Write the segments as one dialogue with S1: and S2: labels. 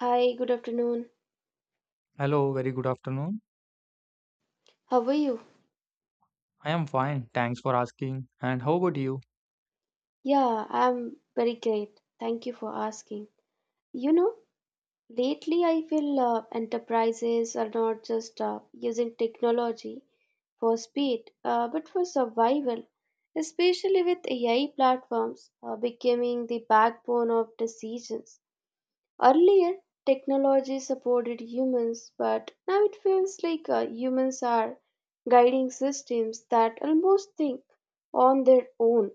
S1: Hi, good afternoon.
S2: Hello, very good afternoon.
S1: How are you?
S2: I am fine, thanks for asking. And how about you?
S1: Yeah, I'm very great. Thank you for asking. You know, lately I feel enterprises are not just using technology for speed, but for survival, especially with AI platforms becoming the backbone of decisions. Earlier, technology supported humans, but now it feels like humans are guiding systems that almost think on their own.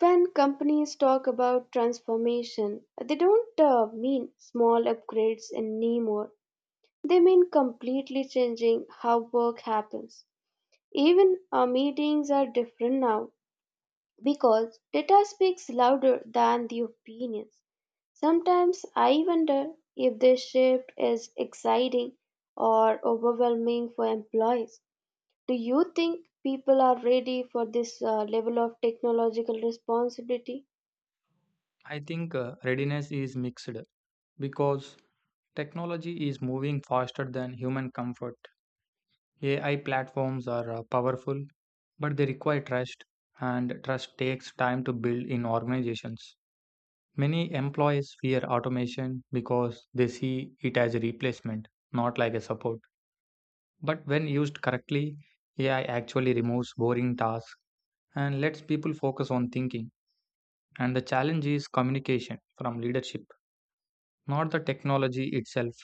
S1: When companies talk about transformation, they don't mean small upgrades anymore. They mean completely changing how work happens. Even our meetings are different now because data speaks louder than the opinions. Sometimes I wonder if this shift is exciting or overwhelming for employees. Do you think people are ready for this level of technological responsibility?
S2: I think readiness is mixed because technology is moving faster than human comfort. AI platforms are powerful, but they require trust, and trust takes time to build in organizations. Many employees fear automation because they see it as a replacement, not like a support. But when used correctly, AI actually removes boring tasks and lets people focus on thinking. And the challenge is communication from leadership, not the technology itself.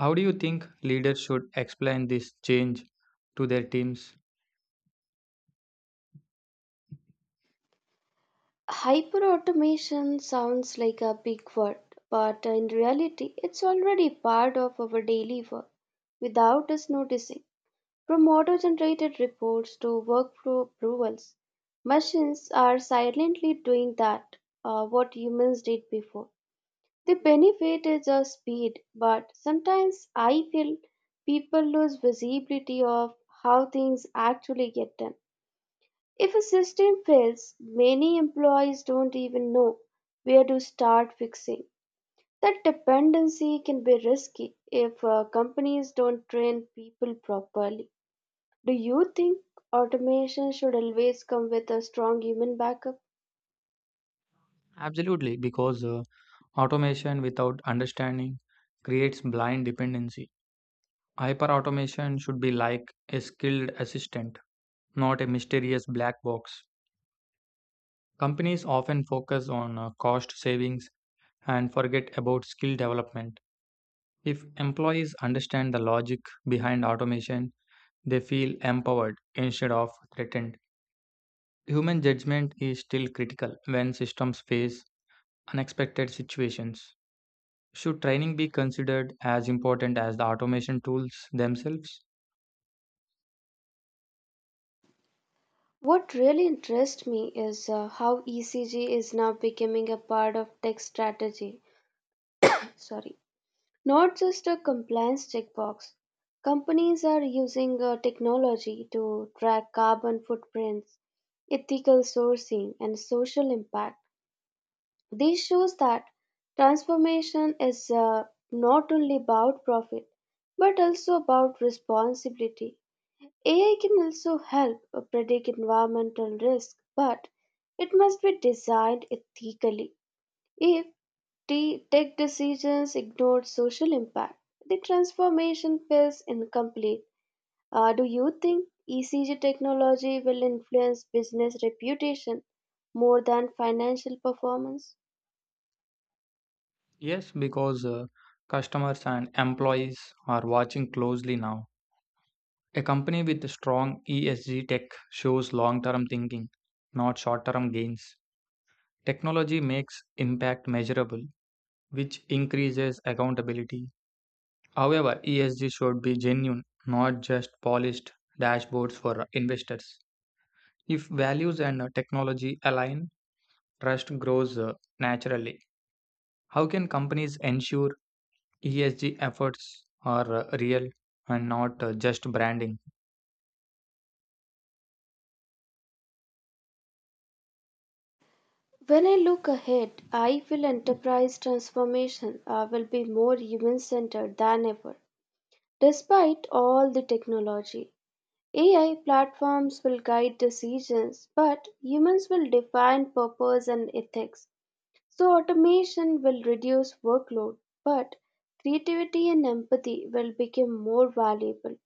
S2: How do you think leaders should explain this change to their teams?
S1: Hyperautomation sounds like a big word, but in reality, it's already part of our daily work without us noticing. From auto generated reports to workflow approvals, machines are silently doing that, what humans did before. The benefit is the speed, but sometimes I feel people lose visibility of how things actually get done. If a system fails, many employees don't even know where to start fixing. That dependency can be risky if companies don't train people properly. Do you think automation should always come with a strong human backup?
S2: Absolutely, because automation without understanding creates blind dependency. Hyper automation should be like a skilled assistant, not a mysterious black box. Companies often focus on cost savings and forget about skill development. If employees understand the logic behind automation, they feel empowered instead of threatened. Human judgment is still critical when systems face unexpected situations. Should training be considered as important as the automation tools themselves?
S1: What really interests me is how ECG is now becoming a part of tech strategy. Sorry, not just a compliance checkbox. Companies are using technology to track carbon footprints, ethical sourcing, and social impact. This shows that transformation is not only about profit but also about responsibility. AI can also help predict environmental risk, but it must be designed ethically. If T- Tech decisions ignored social impact. The transformation feels incomplete. Do you think ECG technology will influence business reputation more than financial performance?
S2: Yes, because customers and employees are watching closely now. A company with strong ESG tech shows long term thinking, not short term gains. Technology makes impact measurable, which increases accountability. However, ESG should be genuine, not just polished dashboards for investors. If values and technology align, trust grows naturally. How can companies ensure ESG efforts are real and not just branding?
S1: When I look ahead, I feel enterprise transformation will be more human centered than ever. Despite all the technology, AI platforms will guide decisions, but humans will define purpose and ethics. So, automation will reduce workload, but creativity and empathy will become more valuable.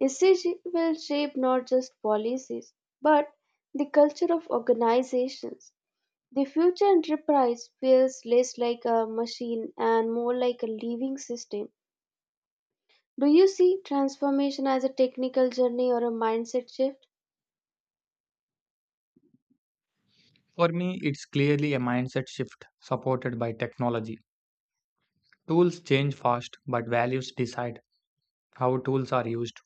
S1: ECG will shape not just policies, but the culture of organizations. The future enterprise feels less like a machine and more like a living system. Do you see transformation as a technical journey or a mindset shift?
S2: For me, it's clearly a mindset shift supported by technology. Tools change fast, but values decide how tools are used.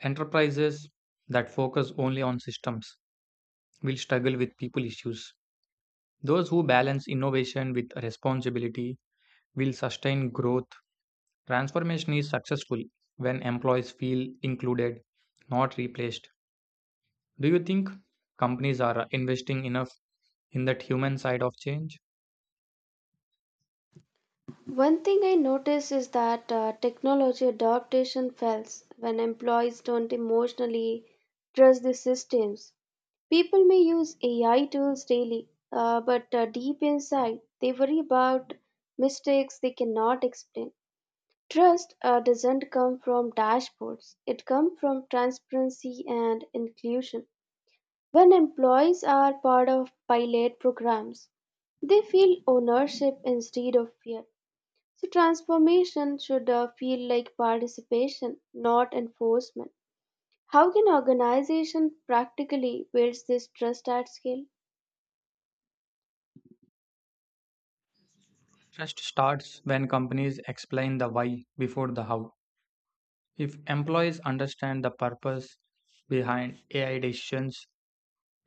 S2: Enterprises that focus only on systems will struggle with people issues. Those who balance innovation with responsibility will sustain growth. Transformation is successful when employees feel included, not replaced. Do you think companies are investing enough in that human side of change?
S1: One thing I notice is that technology adaptation fails when employees don't emotionally trust the systems. People may use AI tools daily, but deep inside, they worry about mistakes they cannot explain. Trust doesn't come from dashboards, it comes from transparency and inclusion. When employees are part of pilot programs, they feel ownership instead of fear. So transformation should feel like participation, not enforcement. How can organization practically build this trust at scale?
S2: Trust starts when companies explain the why before the how. If employees understand the purpose behind AI decisions,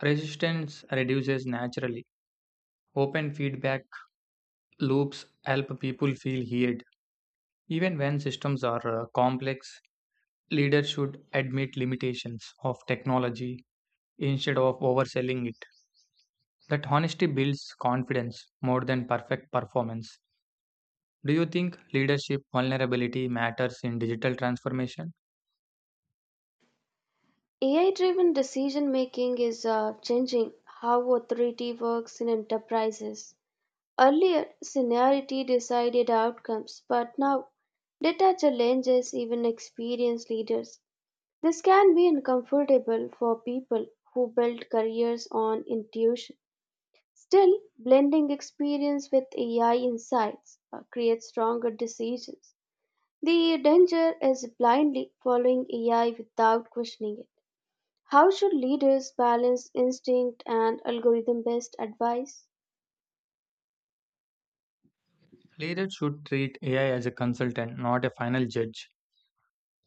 S2: resistance reduces naturally. Open feedback loops help people feel heard. Even when systems are complex, leaders should admit limitations of technology instead of overselling it. That honesty builds confidence more than perfect performance. Do you think leadership vulnerability matters in digital transformation?
S1: AI-driven decision making is changing how authority works in enterprises. Earlier, seniority decided outcomes, but now data challenges even experienced leaders. This can be uncomfortable for people who build careers on intuition. Still, blending experience with AI insights creates stronger decisions. The danger is blindly following AI without questioning it. How should leaders balance instinct and algorithm based advice?
S2: Leaders should treat AI as a consultant, not a final judge.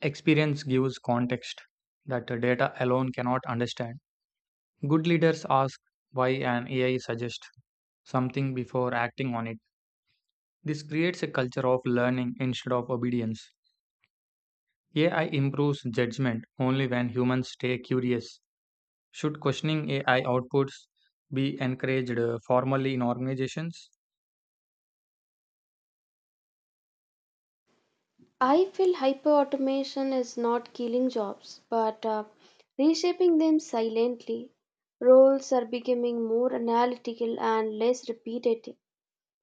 S2: Experience gives context that the data alone cannot understand. Good leaders ask why an AI suggests something before acting on it. This creates a culture of learning instead of obedience. AI improves judgment only when humans stay curious. Should questioning AI outputs be encouraged formally in organizations?
S1: I feel hyper automation is not killing jobs, but reshaping them silently. Roles are becoming more analytical and less repetitive,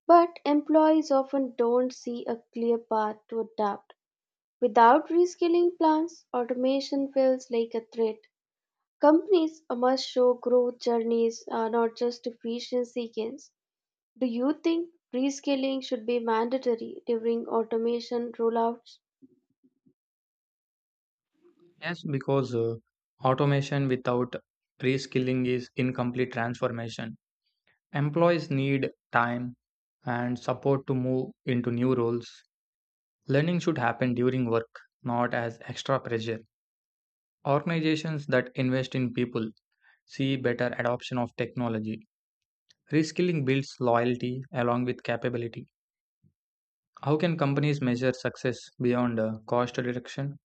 S1: but employees often don't see a clear path to adapt. Without reskilling plants, automation feels like a threat. Companies must show growth journeys, not just efficiency gains. Do you think reskilling should be mandatory during automation rollouts?
S2: Yes, because automation without reskilling is incomplete transformation. Employees need time and support to move into new roles. Learning should happen during work, not as extra pressure. Organizations that invest in people see better adoption of technology. Reskilling builds loyalty along with capability. How can companies measure success beyond cost reduction?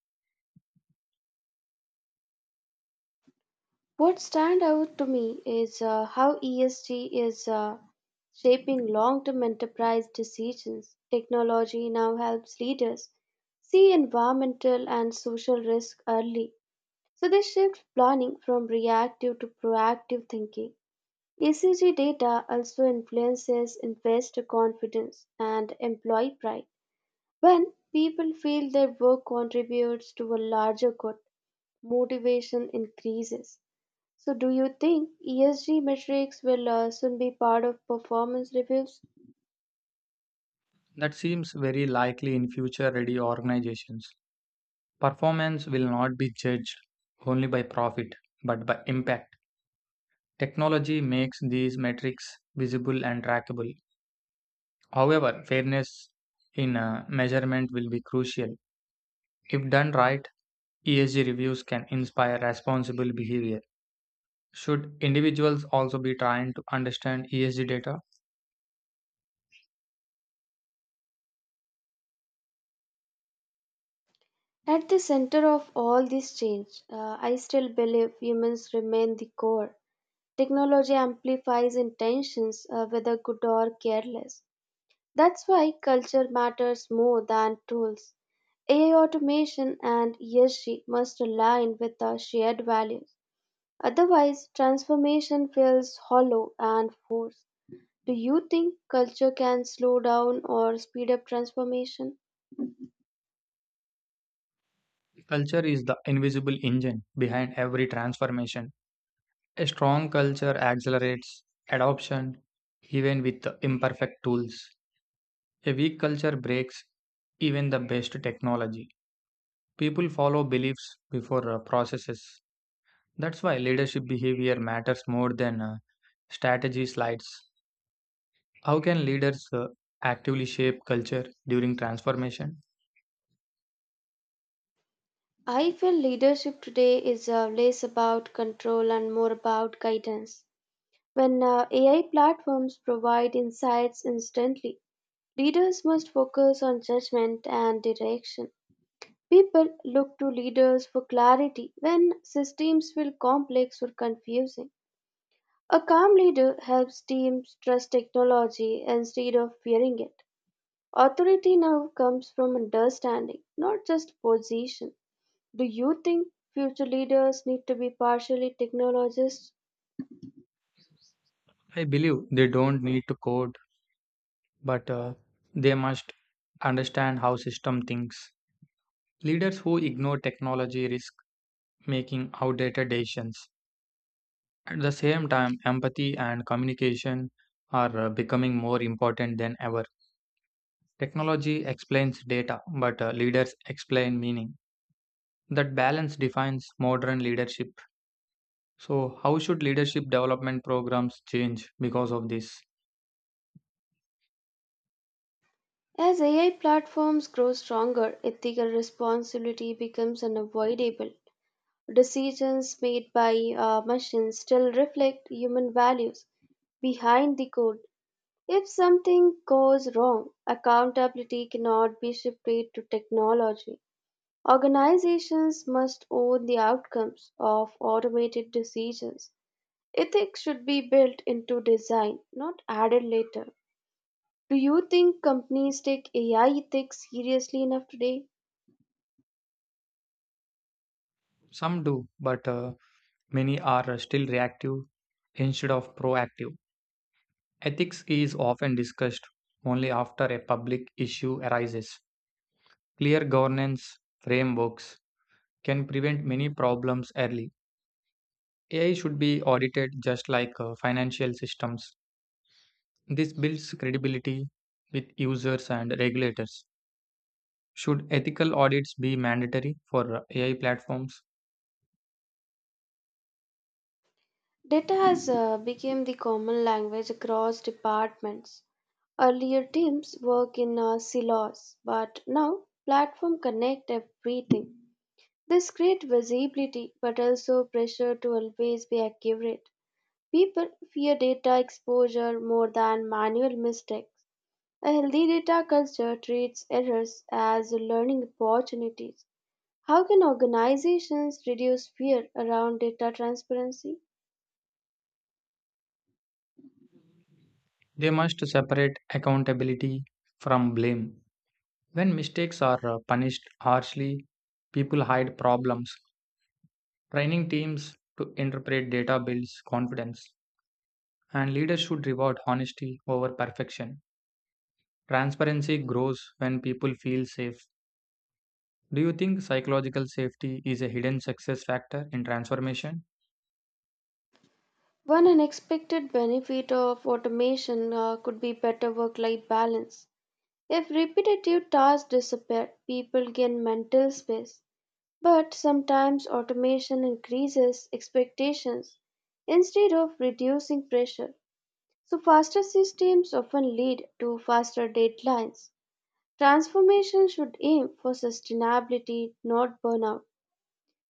S1: What stand out to me is how ESG is shaping long-term enterprise decisions. Technology now helps leaders see environmental and social risk early. So this shifts planning from reactive to proactive thinking. ECG data also influences investor confidence and employee pride. When people feel their work contributes to a larger good, motivation increases. So, do you think ESG metrics will soon be part of performance reviews?
S2: That seems very likely in future ready organizations. Performance will not be judged only by profit, but by impact. Technology makes these metrics visible and trackable. However, fairness in measurement will be crucial. If done right, ESG reviews can inspire responsible behavior. Should individuals also be trying to understand ESG data?
S1: At the center of all this change, I still believe humans remain the core. Technology amplifies intentions, whether good or careless. That's why culture matters more than tools. AI automation and ESG must align with our shared values. Otherwise, transformation feels hollow and forced. Do you think culture can slow down or speed up transformation?
S2: Culture is the invisible engine behind every transformation. A strong culture accelerates adoption even with the imperfect tools. A weak culture breaks even the best technology. People follow beliefs before processes. That's why leadership behavior matters more than strategy slides. How can leaders actively shape culture during transformation?
S1: I feel leadership today is less about control and more about guidance. When AI platforms provide insights instantly, leaders must focus on judgment and direction. People look to leaders for clarity when systems feel complex or confusing. A calm leader helps teams trust technology instead of fearing it. Authority now comes from understanding, not just position. Do you think future leaders need to be partially technologists?
S2: I believe they don't need to code, but they must understand how system thinks. Leaders who ignore technology risk making outdated decisions. At the same time, empathy and communication are becoming more important than ever. Technology explains data, but leaders explain meaning. That balance defines modern leadership. So, how should leadership development programs change because of this?
S1: As AI platforms grow stronger, ethical responsibility becomes unavoidable. Decisions made by machines still reflect human values behind the code. If something goes wrong, accountability cannot be shifted to technology. Organizations must own the outcomes of automated decisions. Ethics should be built into design, not added later. Do you think companies take AI ethics seriously enough today?
S2: Some do, but many are still reactive instead of proactive. Ethics is often discussed only after a public issue arises. Clear governance frameworks can prevent many problems early. AI should be audited just like financial systems. This builds credibility with users and regulators. Should ethical audits be mandatory for AI platforms?
S1: Data has become the common language across departments. Earlier teams work in silos, but now platform connect everything. This creates visibility but also pressure to always be accurate. People fear data exposure more than manual mistakes. A healthy data culture treats errors as learning opportunities. How can organizations reduce fear around data transparency?
S2: They must separate accountability from blame. When mistakes are punished harshly, people hide problems. Training teams to interpret data builds confidence, and leaders should reward honesty over perfection. Transparency grows when people feel safe. Do you think psychological safety is a hidden success factor in transformation?
S1: One unexpected benefit of automation could be better work life balance. If repetitive tasks disappear, people gain mental space. But sometimes automation increases expectations instead of reducing pressure. So, faster systems often lead to faster deadlines. Transformation should aim for sustainability, not burnout.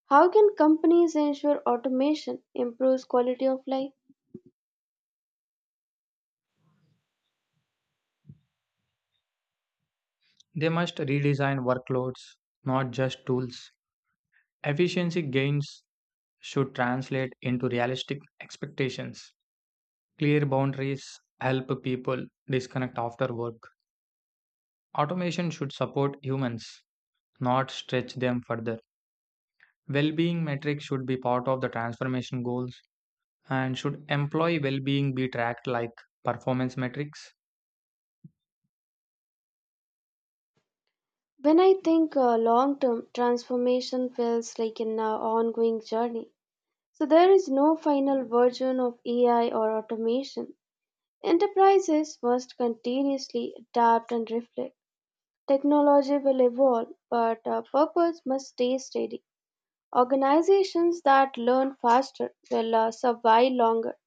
S1: How can companies ensure automation improves quality of life?
S2: They must redesign workloads, not just tools. Efficiency gains should translate into realistic expectations. Clear boundaries help people disconnect after work. Automation should support humans, not stretch them further. Well being metrics should be part of the transformation goals and should employee well being be tracked like performance metrics.
S1: When I think long term, transformation feels like an ongoing journey. So there is no final version of AI or automation. Enterprises must continuously adapt and reflect. Technology will evolve, but our purpose must stay steady. Organizations that learn faster will survive longer.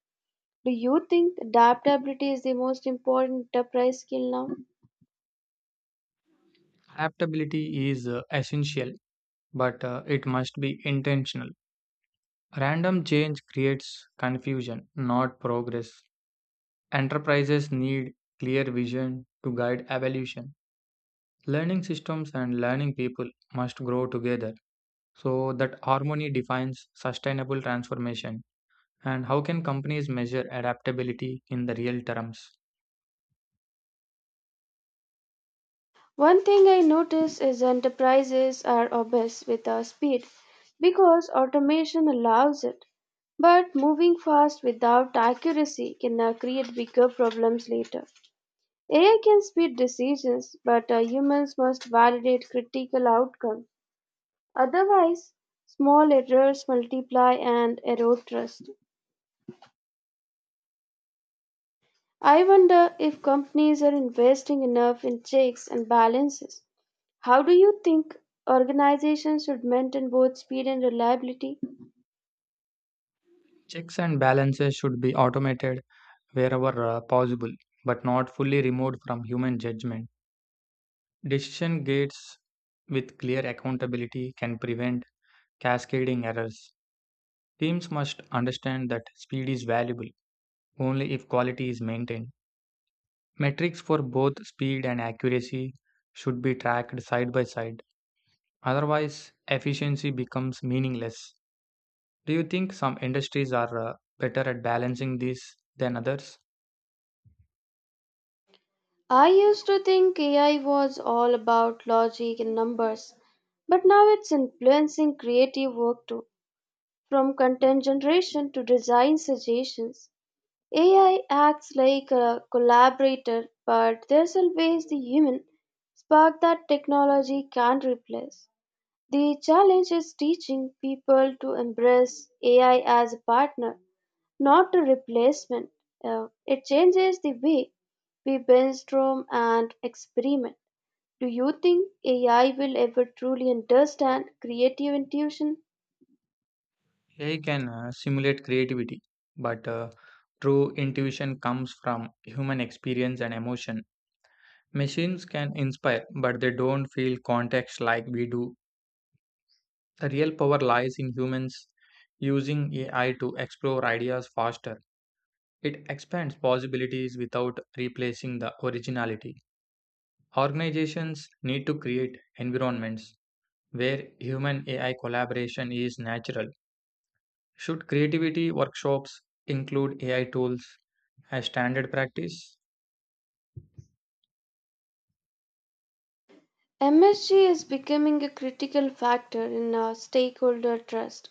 S1: Do you think adaptability is the most important enterprise skill now?
S2: Adaptability is essential, but it must be intentional. Random change creates confusion, not progress. Enterprises need clear vision to guide evolution. Learning systems and learning people must grow together so that harmony defines sustainable transformation. And how can companies measure adaptability in the real terms?
S1: One thing I notice is enterprises are obsessed with the speed because automation allows it. But moving fast without accuracy can create bigger problems later. AI can speed decisions, but humans must validate critical outcomes. Otherwise, small errors multiply and erode trust. I wonder if companies are investing enough in checks and balances. How do you think organizations should maintain both speed and reliability?
S2: Checks and balances should be automated wherever possible, but not fully removed from human judgment. Decision gates with clear accountability can prevent cascading errors. Teams must understand that speed is valuable only if quality is maintained. Metrics for both speed and accuracy should be tracked side by side. Otherwise, efficiency becomes meaningless. Do you think some industries are better at balancing these than others?
S1: I used to think AI was all about logic and numbers, but now it's influencing creative work too, from content generation to design suggestions. AI acts like a collaborator, but there's always the human spark that technology can't replace. The challenge is teaching people to embrace AI as a partner, not a replacement. It changes the way we brainstorm and experiment. Do you think AI will ever truly understand creative intuition?
S2: AI can simulate creativity, but true intuition comes from human experience and emotion. Machines can inspire, but they don't feel context like we do. The real power lies in humans using AI to explore ideas faster. It expands possibilities without replacing the originality. Organizations need to create environments where human AI collaboration is natural. Should creativity workshops include AI tools as standard practice?
S1: MSG is becoming a critical factor in our stakeholder trust,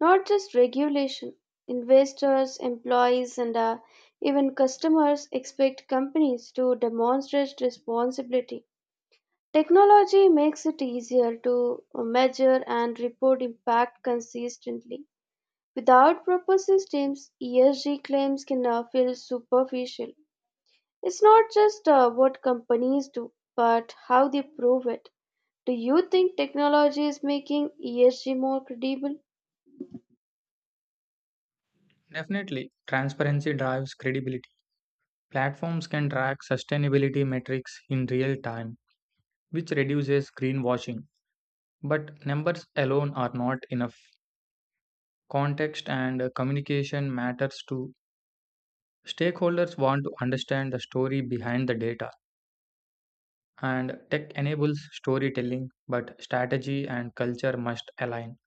S1: not just regulation. Investors, employees, and even customers expect companies to demonstrate responsibility. Technology makes it easier to measure and report impact consistently. Without proper systems, ESG claims can feel superficial. It's not just what companies do, but how they prove it. Do you think technology is making ESG more credible?
S2: Definitely, transparency drives credibility. Platforms can track sustainability metrics in real time, which reduces greenwashing. But numbers alone are not enough. Context and communication matters too. Stakeholders want to understand the story behind the data, and tech enables storytelling, but strategy and culture must align.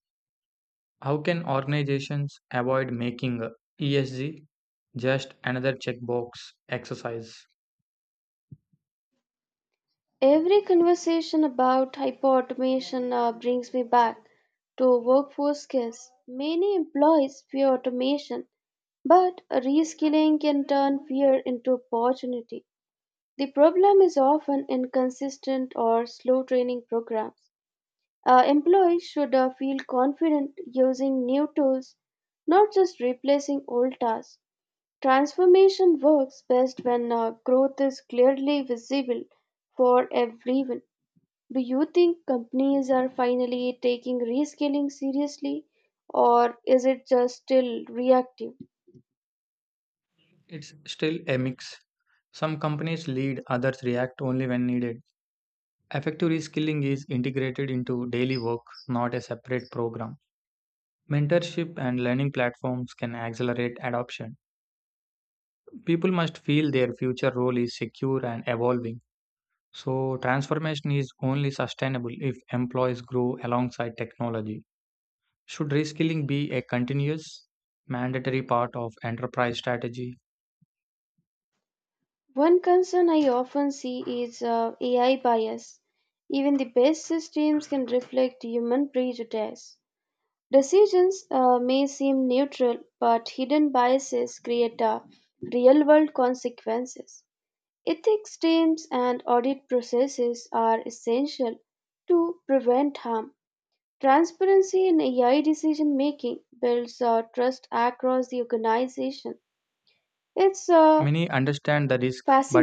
S2: How can organizations avoid making ESG just another checkbox exercise?
S1: Every conversation about hyperautomation brings me back to workforce skills. Many employees fear automation, but reskilling can turn fear into opportunity. The problem is often inconsistent or slow training programs. Employees should feel confident using new tools, not just replacing old tasks. Transformation works best when growth is clearly visible for everyone. Do you think companies are finally taking reskilling seriously, or is it just still reactive?
S2: It's still a mix. Some companies lead, others react only when needed. Effective reskilling is integrated into daily work, not a separate program. Mentorship and learning platforms can accelerate adoption. People must feel their future role is secure and evolving. So, transformation is only sustainable if employees grow alongside technology. Should reskilling be a continuous, mandatory part of enterprise strategy?
S1: One concern I often see is AI bias. Even the best systems can reflect human prejudice. Decisions may seem neutral, but hidden biases create real world consequences. Ethics teams and audit processes are essential to prevent harm. Transparency in AI decision making builds trust across the organization. It's
S2: Many understand the risk,
S1: fascinating.
S2: but